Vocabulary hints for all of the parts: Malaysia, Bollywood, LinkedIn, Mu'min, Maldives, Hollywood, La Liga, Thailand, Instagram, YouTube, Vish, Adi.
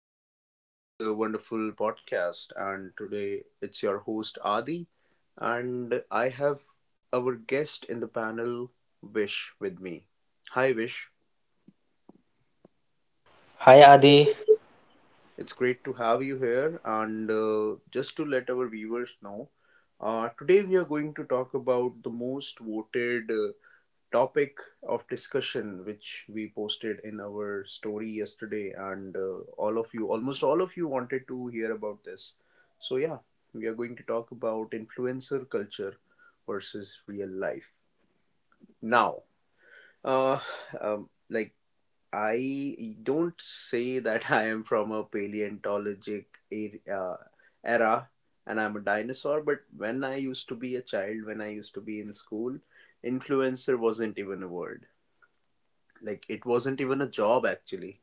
everyone, in another wonderful podcast. And today it's your host, Adi. And I have our guest in the panel, Vish, with me. Hi, Vish. Hi Adi, It's great to have you here. And just to let our viewers know, today we are going to talk about the most voted topic of discussion which we posted in our story yesterday, and all of you, almost all of you wanted to hear about this, so yeah, we are going to talk about influencer culture versus real life. Now uh um, like I don't say that I am from a paleontologic era, uh, era, and I'm a dinosaur, but when I used to be a child, when I used to be in school, influencer wasn't even a word. Like, it wasn't even a job, actually.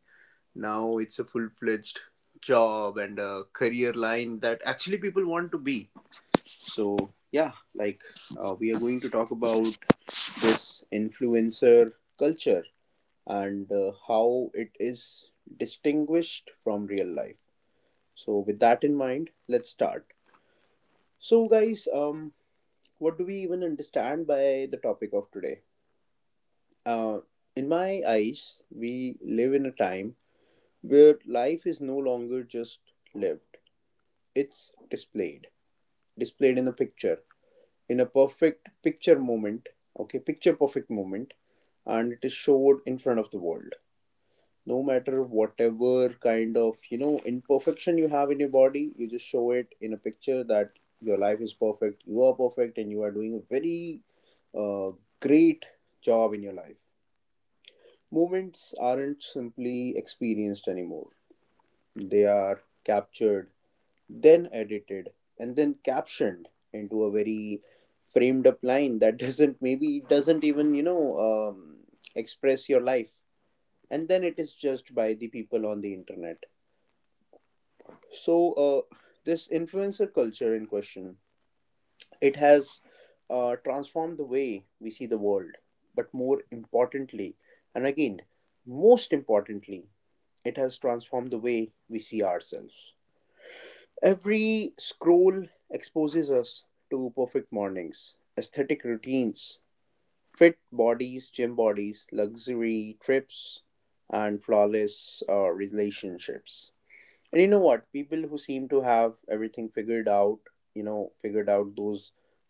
Now it's a full-fledged job and a career line that actually people want to be. So yeah, like, we are going to talk about this influencer culture and how it is distinguished from real life. So with that in mind, let's start. So guys, what do we even understand by the topic of today? uh in my eyes, we live in a time where life is no longer just lived, it's displayed, displayed in a picture, in a perfect picture moment, okay, picture perfect moment, and it is showed in front of the world. No matter whatever kind of, you know, imperfection you have in your body, you just show it in a picture that your life is perfect, you are perfect, and you are doing a very uh, great job in your life. Moments aren't simply experienced anymore, they are captured, then edited, and then captioned into a very framed up line that doesn't, maybe it doesn't even, you know, um, express your life, and then it is judged by the people on the internet. So this influencer culture in question, it has transformed the way we see the world, but more importantly, and again, most importantly, it has transformed the way we see ourselves. Every scroll exposes us to perfect mornings, aesthetic routines, fit bodies, gym bodies, luxury trips, and flawless relationships. And you know what? People who seem to have everything figured out, you know, figured out, those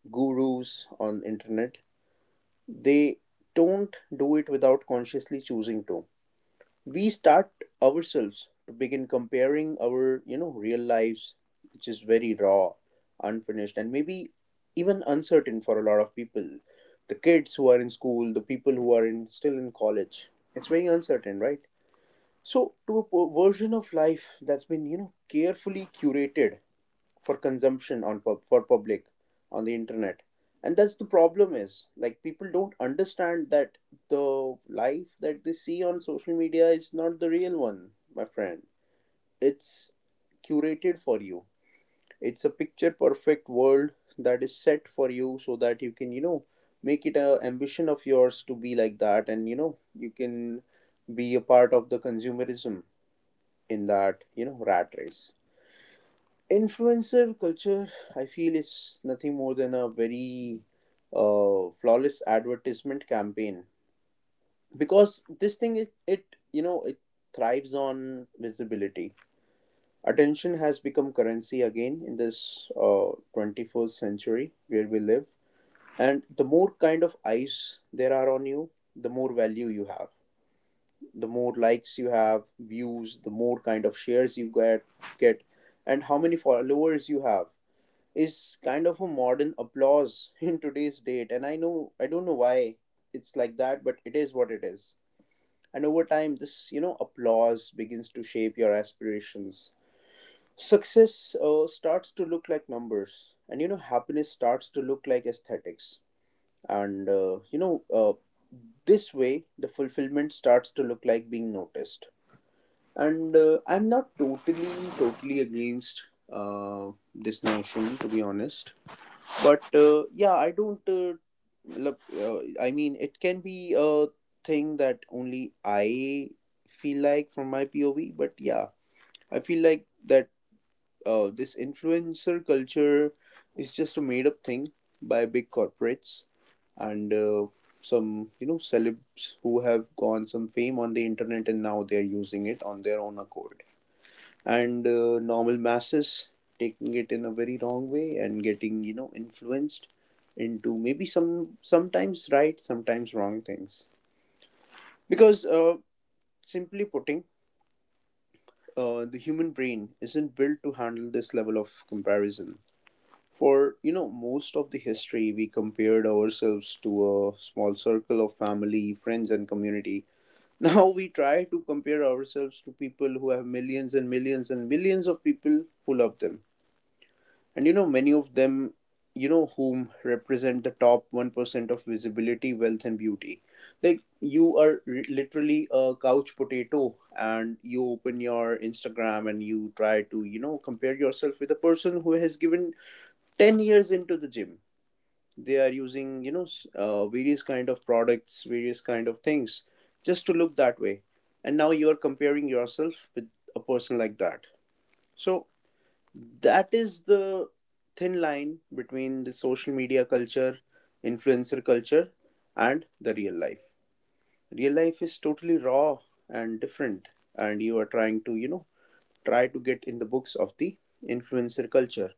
gurus on internet, they don't do it without consciously choosing to. We start ourselves to begin comparing our, you know, real lives, which is very raw, unfinished, and maybe even uncertain for a lot of people. The kids who are in school, the people who are in, still in college, it's very uncertain, right? So to a version of life that's been, you know, carefully curated for consumption on public on the internet. And that's the problem, is like people don't understand that the life that they see on social media is not the real one, my friend. It's curated for you. It's a picture perfect world that is set for you so that you can, you know, make it a ambition of yours to be like that, and you know, you can be a part of the consumerism, in that, you know, rat race. Influencer culture, I feel, is nothing more than a very flawless advertisement campaign, because this thing, it you know, it thrives on visibility. Attention has become currency again in this 21st century where we live, and the more kind of eyes there are on you, the more value you have, the more likes you have, views, the more kind of shares you get, and how many followers you have, is kind of a modern applause in today's date. And I know, I don't know why it's like that, but it is what it is. And over time, this, you know, applause begins to shape your aspirations. Success starts to look like numbers, and you know, happiness starts to look like aesthetics, and this way the fulfillment starts to look like being noticed. And I'm not totally against this notion, to be honest, but yeah, I don't. Look, I mean, it can be a thing that only I feel like from my POV. But yeah, I feel like that this influencer culture is just a made up thing by big corporates, and some, you know, celebs who have gone some fame on the internet, and now they're using it on their own accord, and normal masses taking it in a very wrong way and getting, you know, influenced into maybe some, sometimes right, sometimes wrong things. Because simply putting, the human brain isn't built to handle this level of comparison. For, you know, most of the history, we compared ourselves to a small circle of family, friends, and community. Now we try to compare ourselves to people who have millions and millions and millions of people who love them. And you know, many of them, you know, whom represent the top 1% of visibility, wealth, and beauty. Like, you are literally a couch potato, and you open your Instagram and you try to, you know, compare yourself with a person who has given 10 years into the gym. They are using, you know, various kind of products, various kind of things just to look that way. And now you are comparing yourself with a person like that. So, that is the thin line between the social media culture, influencer culture, and the real life. Real life is totally raw and different, and you are trying to, you know, try to get in the books of the influencer culture,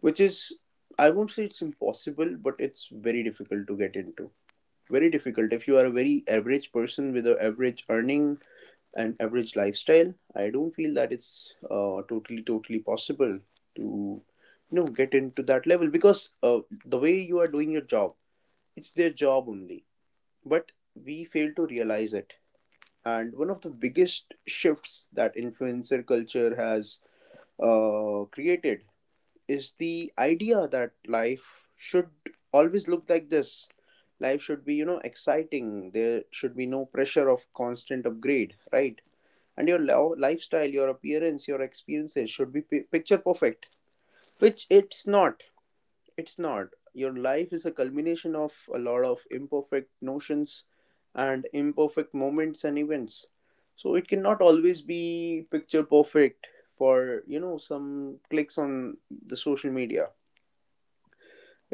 which is, I won't say it's impossible, but it's very difficult to get into. Very difficult. If you are a very average person with an average earning, an average lifestyle, I don't feel that it's totally possible to, you know, get into that level, because the way you are doing your job, it's their job only, but we fail to realize it. And one of the biggest shifts that influencer culture has created is the idea that life should always look like this. Life should be, you know, exciting, there should be no pressure of constant upgrade, right? And your lifestyle, your appearance, your experiences should be pi picture perfect, which it's not. It's not. Your life is a culmination of a lot of imperfect notions and imperfect moments and events. So it cannot always be picture perfect for, you know, some clicks on the social media.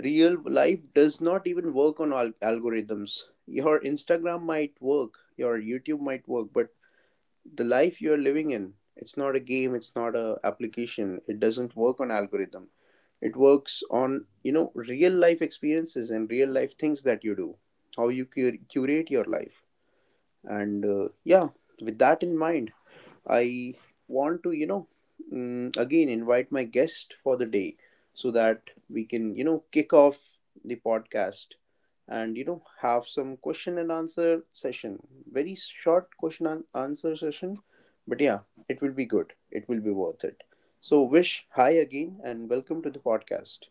Real life does not even work on algorithms. Your Instagram might work, your YouTube might work, but the life you're living in, it's not a game, it's not a application, it doesn't work on algorithm. It works on, you know, real life experiences and real life things that you do, how you curate your life. And yeah, with that in mind, I want to, you know, again invite my guest for the day so that we can, you know, kick off the podcast and, you know, have some question and answer session. Very short question and answer session, but yeah, it will be good. It will be worth it. So, Wish, hi again and welcome to the podcast.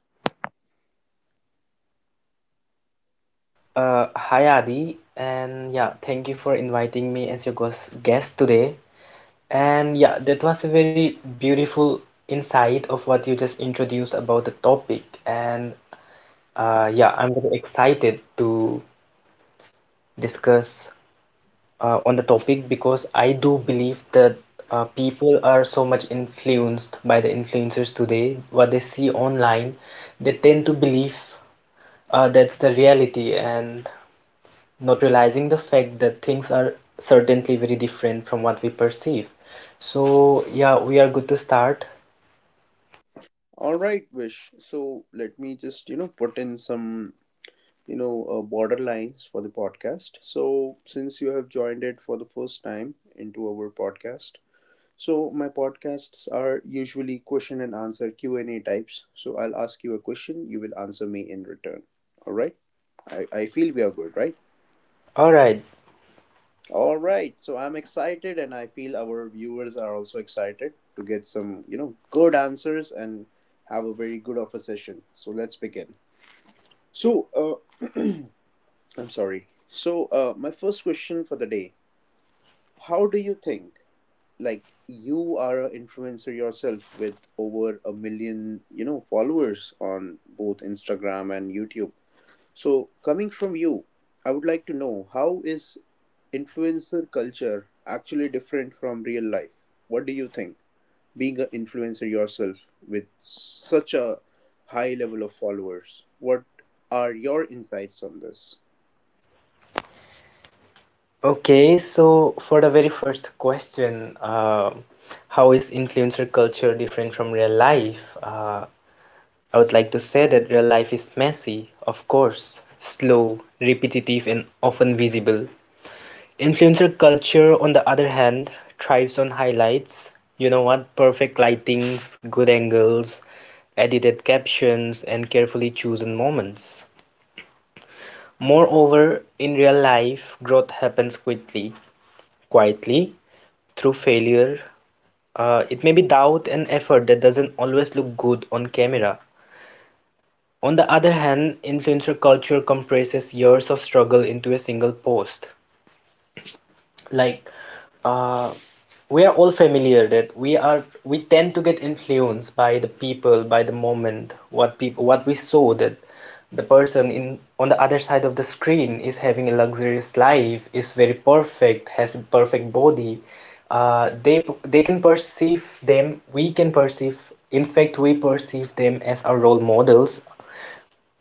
hi Adi, and yeah, thank you for inviting me as your guest today. And yeah, that was a very beautiful insight of what you just introduced about the topic. And yeah, I'm very excited to discuss on the topic because I do believe that people are so much influenced by the influencers today. What they see online, they tend to believe that's the reality and not realizing the fact that things are certainly very different from what we perceive. So, yeah, we are good to start. All right, Wish. So, let me just, you know, put in some, you know, borderlines for the podcast. So since you have joined it for the first time into our podcast, so my podcasts are usually question and answer, q&a types, so I'll ask you a question, you will answer me in return. All right. I feel we are good, right? All right. All right, so I'm excited, and I feel our viewers are also excited to get some, you know, good answers, and have a very good of a session, so let's begin. So, uh, I'm sorry. So, my first question for the day: How do you think, like, you are an influencer yourself with over a million, you know, followers on both Instagram and YouTube? So, coming from you, I would like to know, how is influencer culture actually different from real life? What do you think, being an influencer yourself with such a high level of followers? What are your insights on this? Okay, so for the very first question, how is influencer culture different from real life? I would like to say that real life is messy, of course, slow, repetitive, and often visible. Influencer culture, on the other hand, thrives on highlights. You know what? Perfect lightings, good angles, edited captions, and carefully chosen moments. Moreover, in real life, growth happens quickly, quietly, through failure. It may be doubt and effort that doesn't always look good on camera. On the other hand, influencer culture compresses years of struggle into a single post. Like uh, we are all familiar that we tend to get influenced by the people, by the moment, what people, what we saw, that the person in on the other side of the screen is having a luxurious life, is very perfect, has a perfect body. They can perceive them, we can perceive, in fact we perceive them as our role models,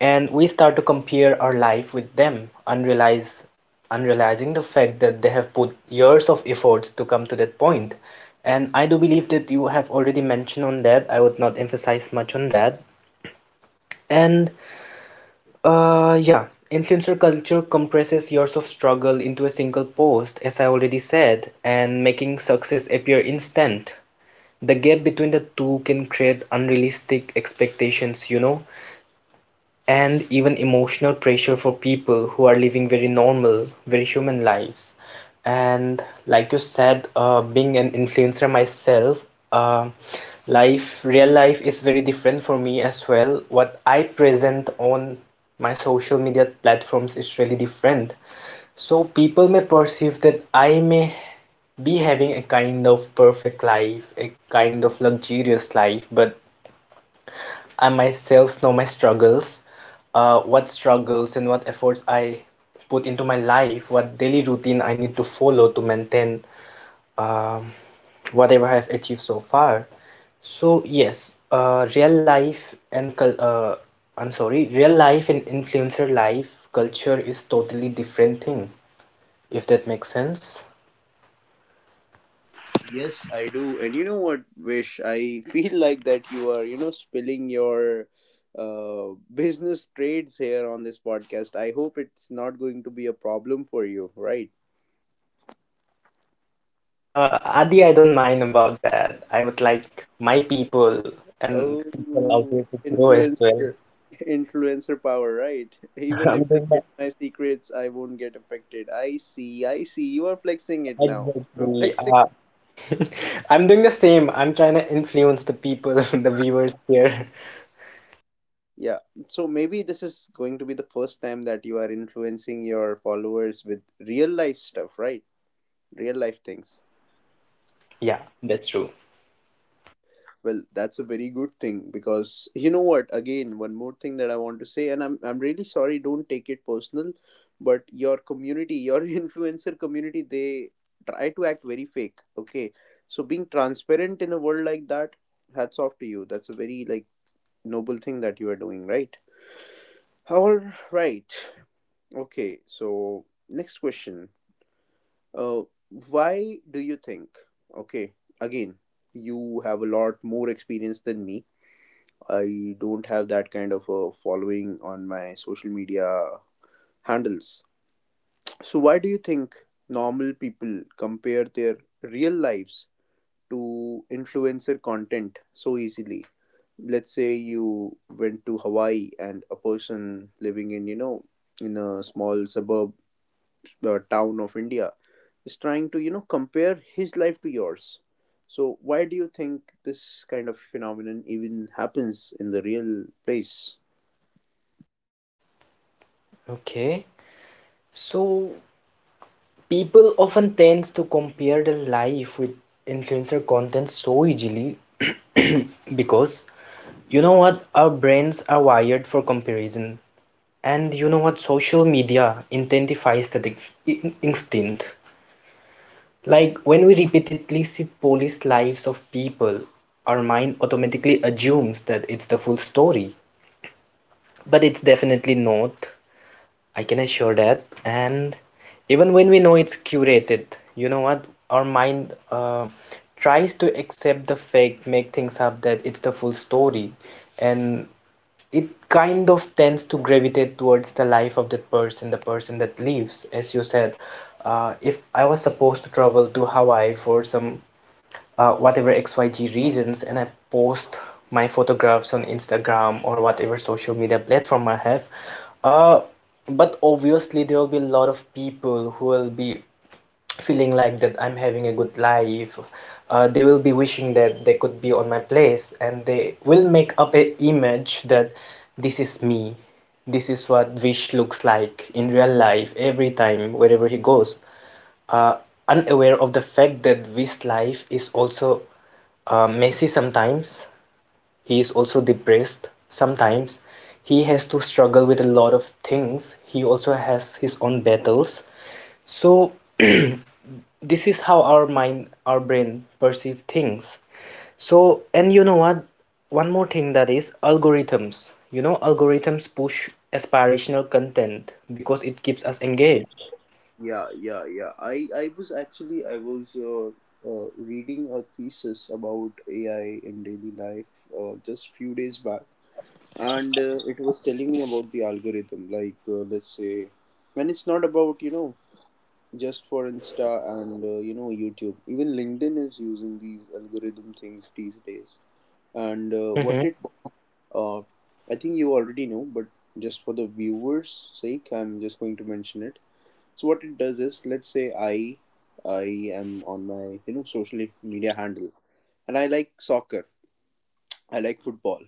and we start to compare our life with them, unrealize unrealizing the fact that they have put years of efforts to come to that point. And I do believe that you have already mentioned on that, I would not emphasize much on that. And yeah, influencer culture compresses years of struggle into a single post, as I already said, and making success appear instant. The gap between the two can create unrealistic expectations, you know, and even emotional pressure for people who are living very normal, very human lives. And like you said, being an influencer myself, uh, life, real life is very different for me as well. What I present on my social media platforms is really different. So people may perceive that I may be having a kind of perfect life, a kind of luxurious life, but I myself know my struggles, what struggles and what efforts I put into my life, what daily routine I need to follow to maintain, um, whatever I've achieved so far. So yes, real life and cul- I'm sorry, real life and influencer life culture is totally different thing, if that makes sense. Yes, I do. And you know what, Vish? I feel like that you are, you know, spilling your business trades here on this podcast. I hope it's not going to be a problem for you, right? Adi, I don't mind about that. I would like my people and people out Oh, there to grow as well. influencer, influencer power, right? Even I'm if they doing the, get my secrets, I won't get affected. I see, I see. You are flexing it now. You're exactly. flexing. I'm doing the same. I'm trying to influence the people, the viewers here. Yeah. So maybe this is going to be the first time that you are influencing your followers with real life stuff, right? Real life things. Yeah, that's true. Well, that's a very good thing, because you know what, again, one more thing that I want to say, and I'm really sorry, don't take it personal, but your community, your influencer community, they try to act very fake, okay? So being transparent in a world like that, hats off to you. That's a very, like, noble thing that you are doing, right? All right. Okay, so next question. uh why do you think, okay, again, you have a lot more experience than me. I don't have that kind of a following on my social media handles. So, why do you think normal people compare their real lives to influencer content so easily? Let's say you went to Hawaii and a person living in, you know, in a small suburb town of India is trying to, you know, compare his life to yours. So, why do you think this kind of phenomenon even happens in the real place? Okay. So people often tends to compare their life with influencer content so easily because you know what? Our brains are wired for comparison. And you know what? Social media intensifies that instinct. Like when we repeatedly see police lives of people, our mind automatically assumes that it's the full story. But it's definitely not, I can assure that. And even when we know it's curated, you know what? Our mind tries to accept the fact, make things up that it's the full story. And it kind of tends to gravitate towards the life of that person, the person that leaves. As you said, if I was supposed to travel to Hawaii for some whatever XYG reasons, and I post my photographs on Instagram or whatever social media platform I have, uh, but obviously there will be a lot of people who will be feeling like that I'm having a good life. They will be wishing that they could be on my place, and they will make up an image that this is me. This is what Vish looks like in real life every time, wherever he goes. Uh, Unaware of the fact that Vish's life is also messy sometimes, he is also depressed sometimes, he has to struggle with a lot of things, he also has his own battles. So this is how our mind, our brain perceive things. So, and you know what, one more thing that is algorithms. You know, algorithms push aspirational content because it keeps us engaged. Yeah, yeah, yeah. I was actually I was reading a thesis about AI in daily life just few days back, and it was telling me about the algorithm. Like let's say, and it's not about, you know, just for Insta and, you know, YouTube. Even LinkedIn is using these algorithm things these days. And Mhm. What it I think you already know, but just for the viewers' sake, I'm just going to mention it. So what it does is, let's say I am on my, you know, social media handle, and I like soccer, I like football.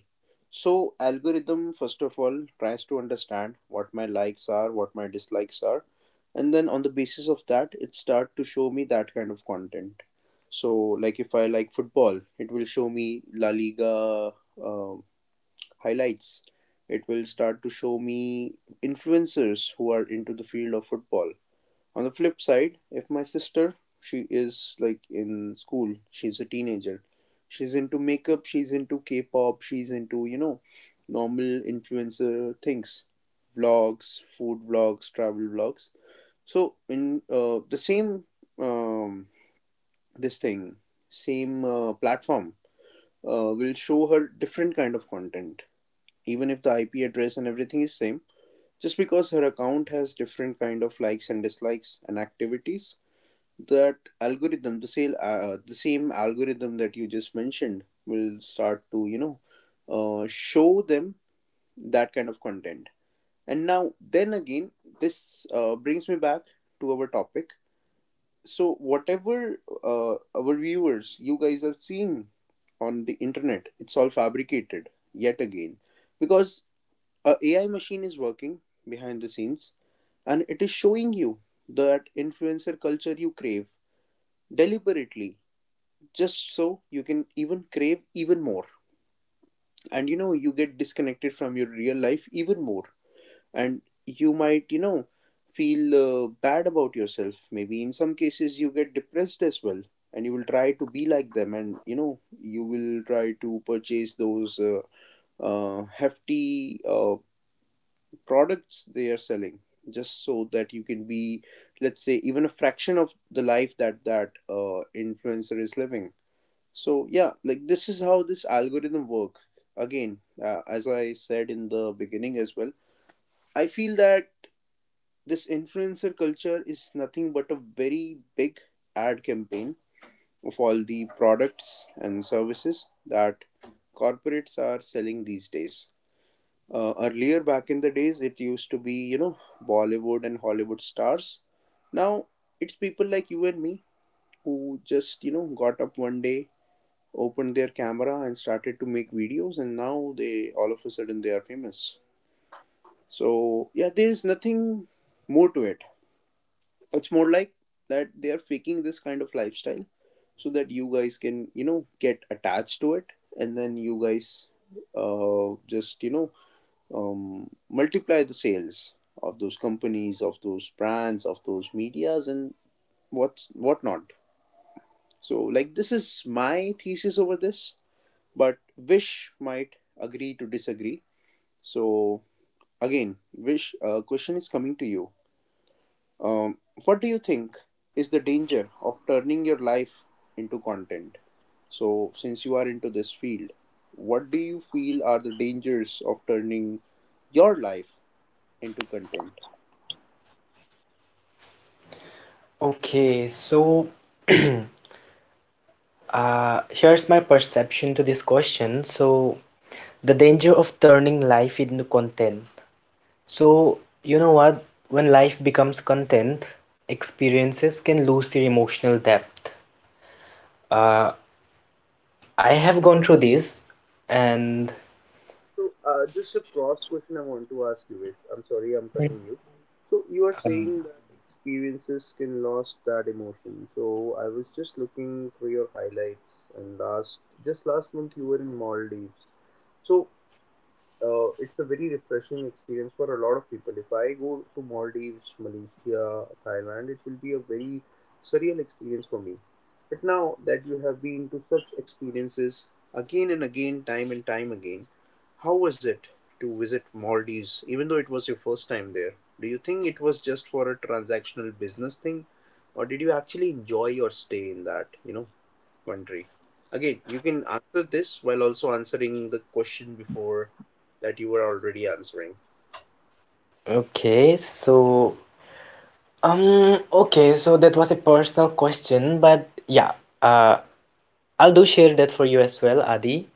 So algorithm, first of all, tries to understand what my likes are, what my dislikes are, and then on the basis of that it start to show me that kind of content. So like if I like football, it will show me La Liga um highlights. It will start to show me influencers who are into the field of football. On the flip side, if my sister, she is like in school, she's a teenager, she's into makeup, she's into K-pop, she's into, you know, normal influencer things, vlogs, food vlogs, travel vlogs. So in the same um, this thing same platform will show her different kind of content, even if the IP address and everything is same, just because her account has different kind of likes and dislikes and activities. That algorithm, the same algorithm that you just mentioned, will start to, you know, show them that kind of content. And now then again, this brings me back to our topic. So whatever, our viewers, you guys are seeing on the internet, it's all fabricated yet again, because a AI machine is working behind the scenes, and it is showing you that influencer culture you crave deliberately, just so you can even crave even more, and you know, you get disconnected from your real life even more. And you might, you know, feel bad about yourself, maybe in some cases you get depressed as well, and you will try to be like them, and you know, you will try to purchase those hefty products they are selling, just so that you can be, let's say, even a fraction of the life that that influencer is living. So yeah, like this is how this algorithm work. Again, as I said in the beginning as well, I feel that this influencer culture is nothing but a very big ad campaign of all the products and services that corporates are selling these days. Earlier back in the days, it used to be, you know, Bollywood and Hollywood stars. Now it's people like you and me, who just, you know, got up one day, opened their camera and started to make videos, and now they, all of a sudden, they are famous. So yeah, there is nothing more to it. It's more like that they are faking this kind of lifestyle so that you guys can, you know, get attached to it, and then you guys just, you know, multiply the sales of those companies, of those brands, of those medias, and whatnot. So like this is my thesis over this, but Wish might agree to disagree. So, again, Wish, question is coming to you. Um, what do you think is the danger of turning your life into content? So, since you are into this field, what do you feel are the dangers of turning your life into content? Okay, so here's my perception to this question. So, the danger of turning life into content. So, you know what? When life becomes content, experiences can lose their emotional depth. Uh, I have gone through this, and So, just a cross question I want to ask you, Vish. I'm sorry I'm cutting you. So, you are saying that experiences can lost that emotion. So, I was just looking through your highlights, and last just last month you were in Maldives. So, it's a very refreshing experience for a lot of people. If I go to Maldives, Malaysia, Thailand, it will be a very surreal experience for me. But now that you have been to such experiences again and again, time and time again, how was it to visit Maldives, even though it was your first time there? Do you think it was just for a transactional business thing, or did you actually enjoy your stay in that, you know, country? Again, you can answer this while also answering the question before that you were already answering. okay, so okay, so that was a personal question, but yeah, uh, I'll do share that for you as well, Adi,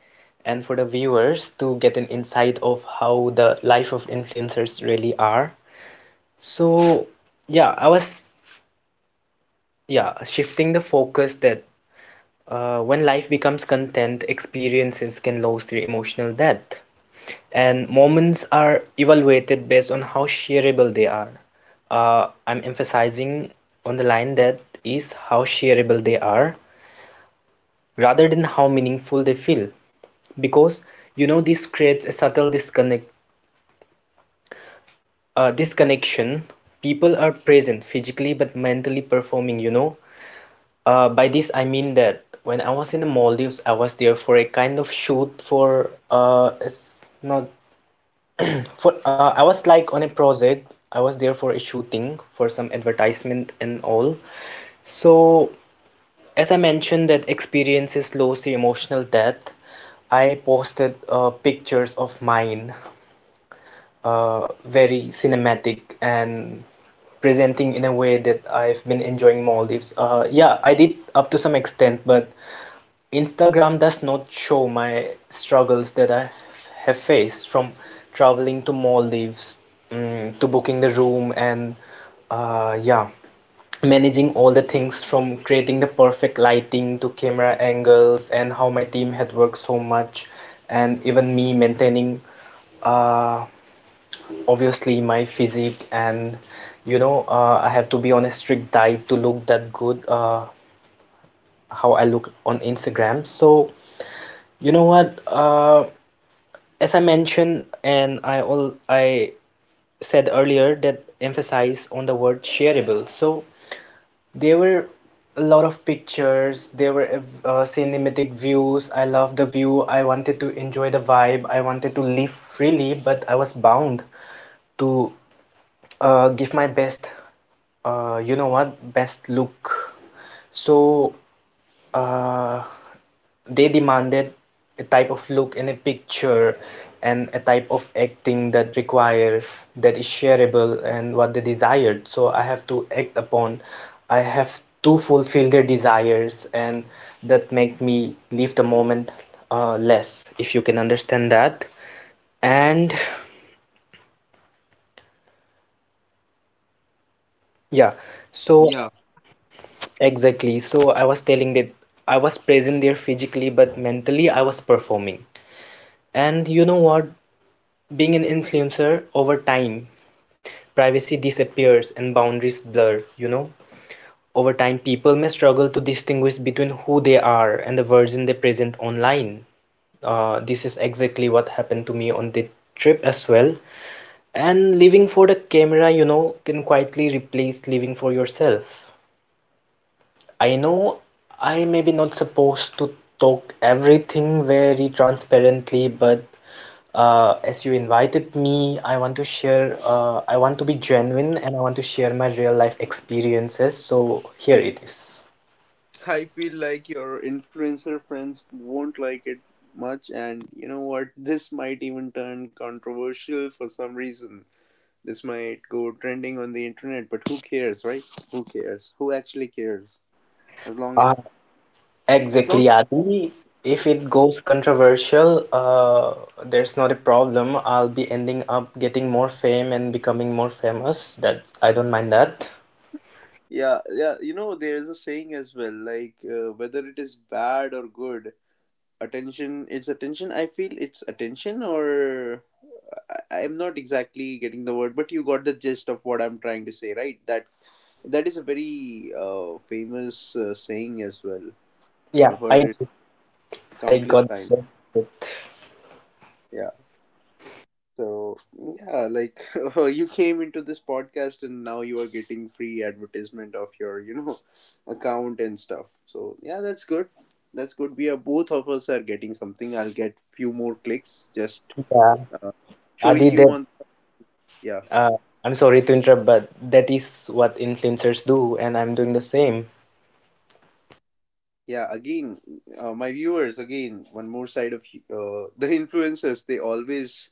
and for the viewers to get an insight of how the life of influencers really are. So, yeah, I was, yeah, shifting the focus that when life becomes content, experiences can lose their emotional depth, and moments are evaluated based on how shareable they are. I'm emphasizing on the line that is how shareable they are, rather than how meaningful they feel, because you know, this creates a subtle disconnection. People are present physically but mentally performing, you know. By this I mean that when I was in the Maldives, I was there for a kind of shoot for it's not For I was like on a project. I was there for a shooting for some advertisement and all. So as I mentioned that experiences slows the emotional death, I posted pictures of mine, very cinematic, and presenting in a way that I've been enjoying Maldives. Yeah, I did up to some extent, but Instagram does not show my struggles that I have faced from traveling to Maldives, to booking the room, and yeah, managing all the things from creating the perfect lighting to camera angles, and how my team had worked so much, and even me maintaining uh, obviously my physique, and you know, I have to be on a strict diet to look that good, how I look on Instagram. So you know what, as I mentioned, and I all I said earlier, that emphasize on the word shareable. So there were a lot of pictures, there were cinematic views. I love the view. I wanted to enjoy the vibe. I wanted to live freely, but I was bound to give my best, you know what, best look. So uh, they demanded a type of look in a picture and a type of acting that require, that is shareable and what they desired. So I have to act upon, I have to fulfill their desires, and that make me leave the moment less, if you can understand that. And yeah, so Yeah, exactly. So I was telling that I was present there physically, but mentally I was performing. And you know what? Being an influencer, over time, privacy disappears and boundaries blur, you know. Over time, people may struggle to distinguish between who they are and the version they present online. This is exactly what happened to me on the trip as well. And living for the camera, you know, can quietly replace living for yourself. I know I may be not supposed to talk everything very transparently, but as you invited me, I want to share, I want to be genuine and I want to share my real life experiences. So here it is. I feel like your influencer friends won't like it much, and you know what? This might even turn controversial for some reason. This might go trending on the internet, but who cares, right? Who cares? Who actually cares? As long as, Uh, as exactly, long, Adi. If it goes controversial, there's not a problem. I'll be ending up getting more fame and becoming more famous. That I don't mind that. yeah, yeah. You know, there is a saying as well, like whether it is bad or good, attention. It's attention. I feel it's attention, or I'm not exactly getting the word, but you got the gist of what I'm trying to say, right? That that is a very famous saying as well. Yeah, I've heard it I countless got times. the best. Of Yeah. So yeah, like you came into this podcast and now you are getting free advertisement of your, you know, account and stuff. So yeah, that's good. That's good. We are Both of us are getting something. I'll get few more clicks just it. uh, showing Adi, you that on, yeah, uh, I'm sorry to interrupt, but that is what influencers do, and I'm doing the same. yeah, again, my viewers, again, one more side of the influencers, they always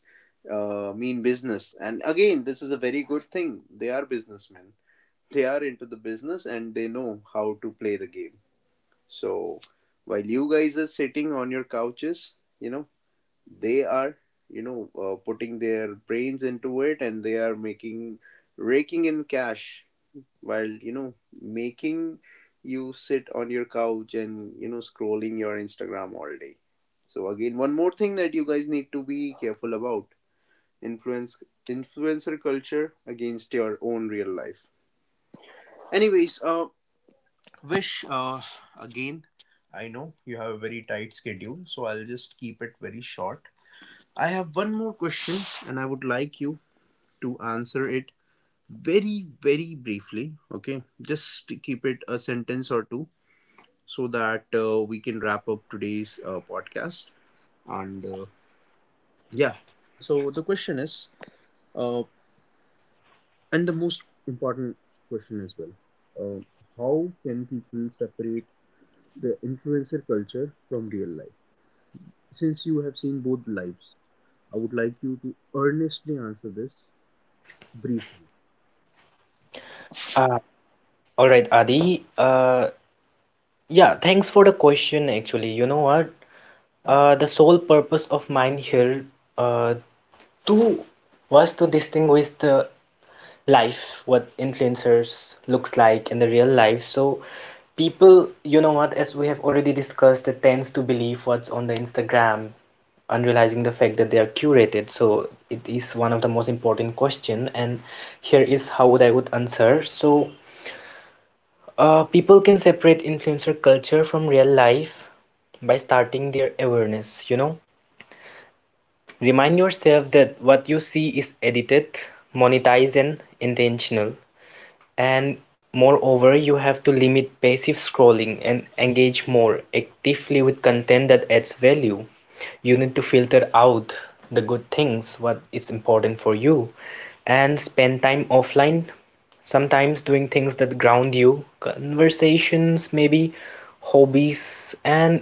mean business, and again, this is a very good thing. They are businessmen, they are into the business, and they know how to play the game. So while you guys are sitting on your couches, you know, they are, you know, putting their brains into it, and they are making, raking in cash, while, you know, making you sit on your couch and, you know, scrolling your Instagram all day. So again, one more thing that you guys need to be careful about: influence influencer culture against your own real life. Anyways, Wish, again, I know you have a very tight schedule, so I'll just keep it very short. I have one more question, and I would like you to answer it very, very briefly. Okay, just keep it a sentence or two so that we can wrap up today's podcast. And yeah, so the question is, uh, and the most important question as well, uh, how can people separate the influencer culture from real life? Since you have seen both lives, I would like you to earnestly answer this briefly. Uh, all right, Adi. Yeah, thanks for the question actually. You know what? The sole purpose of mine here uh, to was to distinguish the life, what influencers looks like in the real life. So people, you know what, as we have already discussed, they tends to believe what's on the Instagram, unrealizing the fact that they are curated. So it is one of the most important question, and here is how would I would answer. So people can separate influencer culture from real life by starting their awareness, you know. Remind yourself that what you see is edited, monetized, and intentional. And moreover, you have to limit passive scrolling and engage more actively with content that adds value. You need to filter out the good things, what is important for you, and spend time offline, sometimes doing things that ground you, conversations, maybe hobbies, and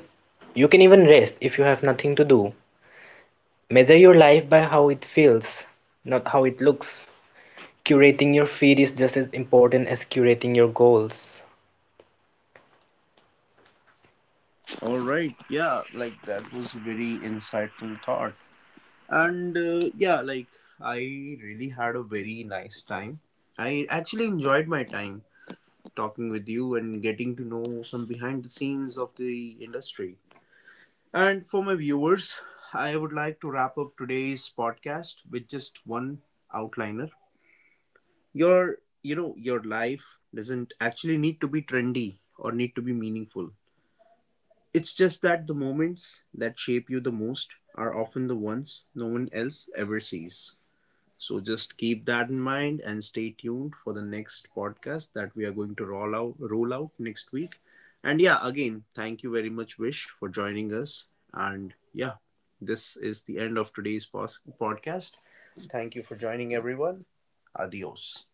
you can even rest if you have nothing to do. Measure your life by how it feels, not how it looks. Curating your feed is just as important as curating your goals. All right. Yeah, like that was a very insightful thought. And yeah, like I really had a very nice time. I actually enjoyed my time talking with you and getting to know some behind the scenes of the industry. And for my viewers, I would like to wrap up today's podcast with just one outliner. your you know, your life doesn't actually need to be trendy or need to be meaningful. It's just that the moments that shape you the most are often the ones no one else ever sees. So just keep that in mind and stay tuned for the next podcast that we are going to roll out next week. And yeah, again, thank you very much, Vish, for joining us. And yeah, this is the end of today's podcast. Thank you for joining, everyone. Adios.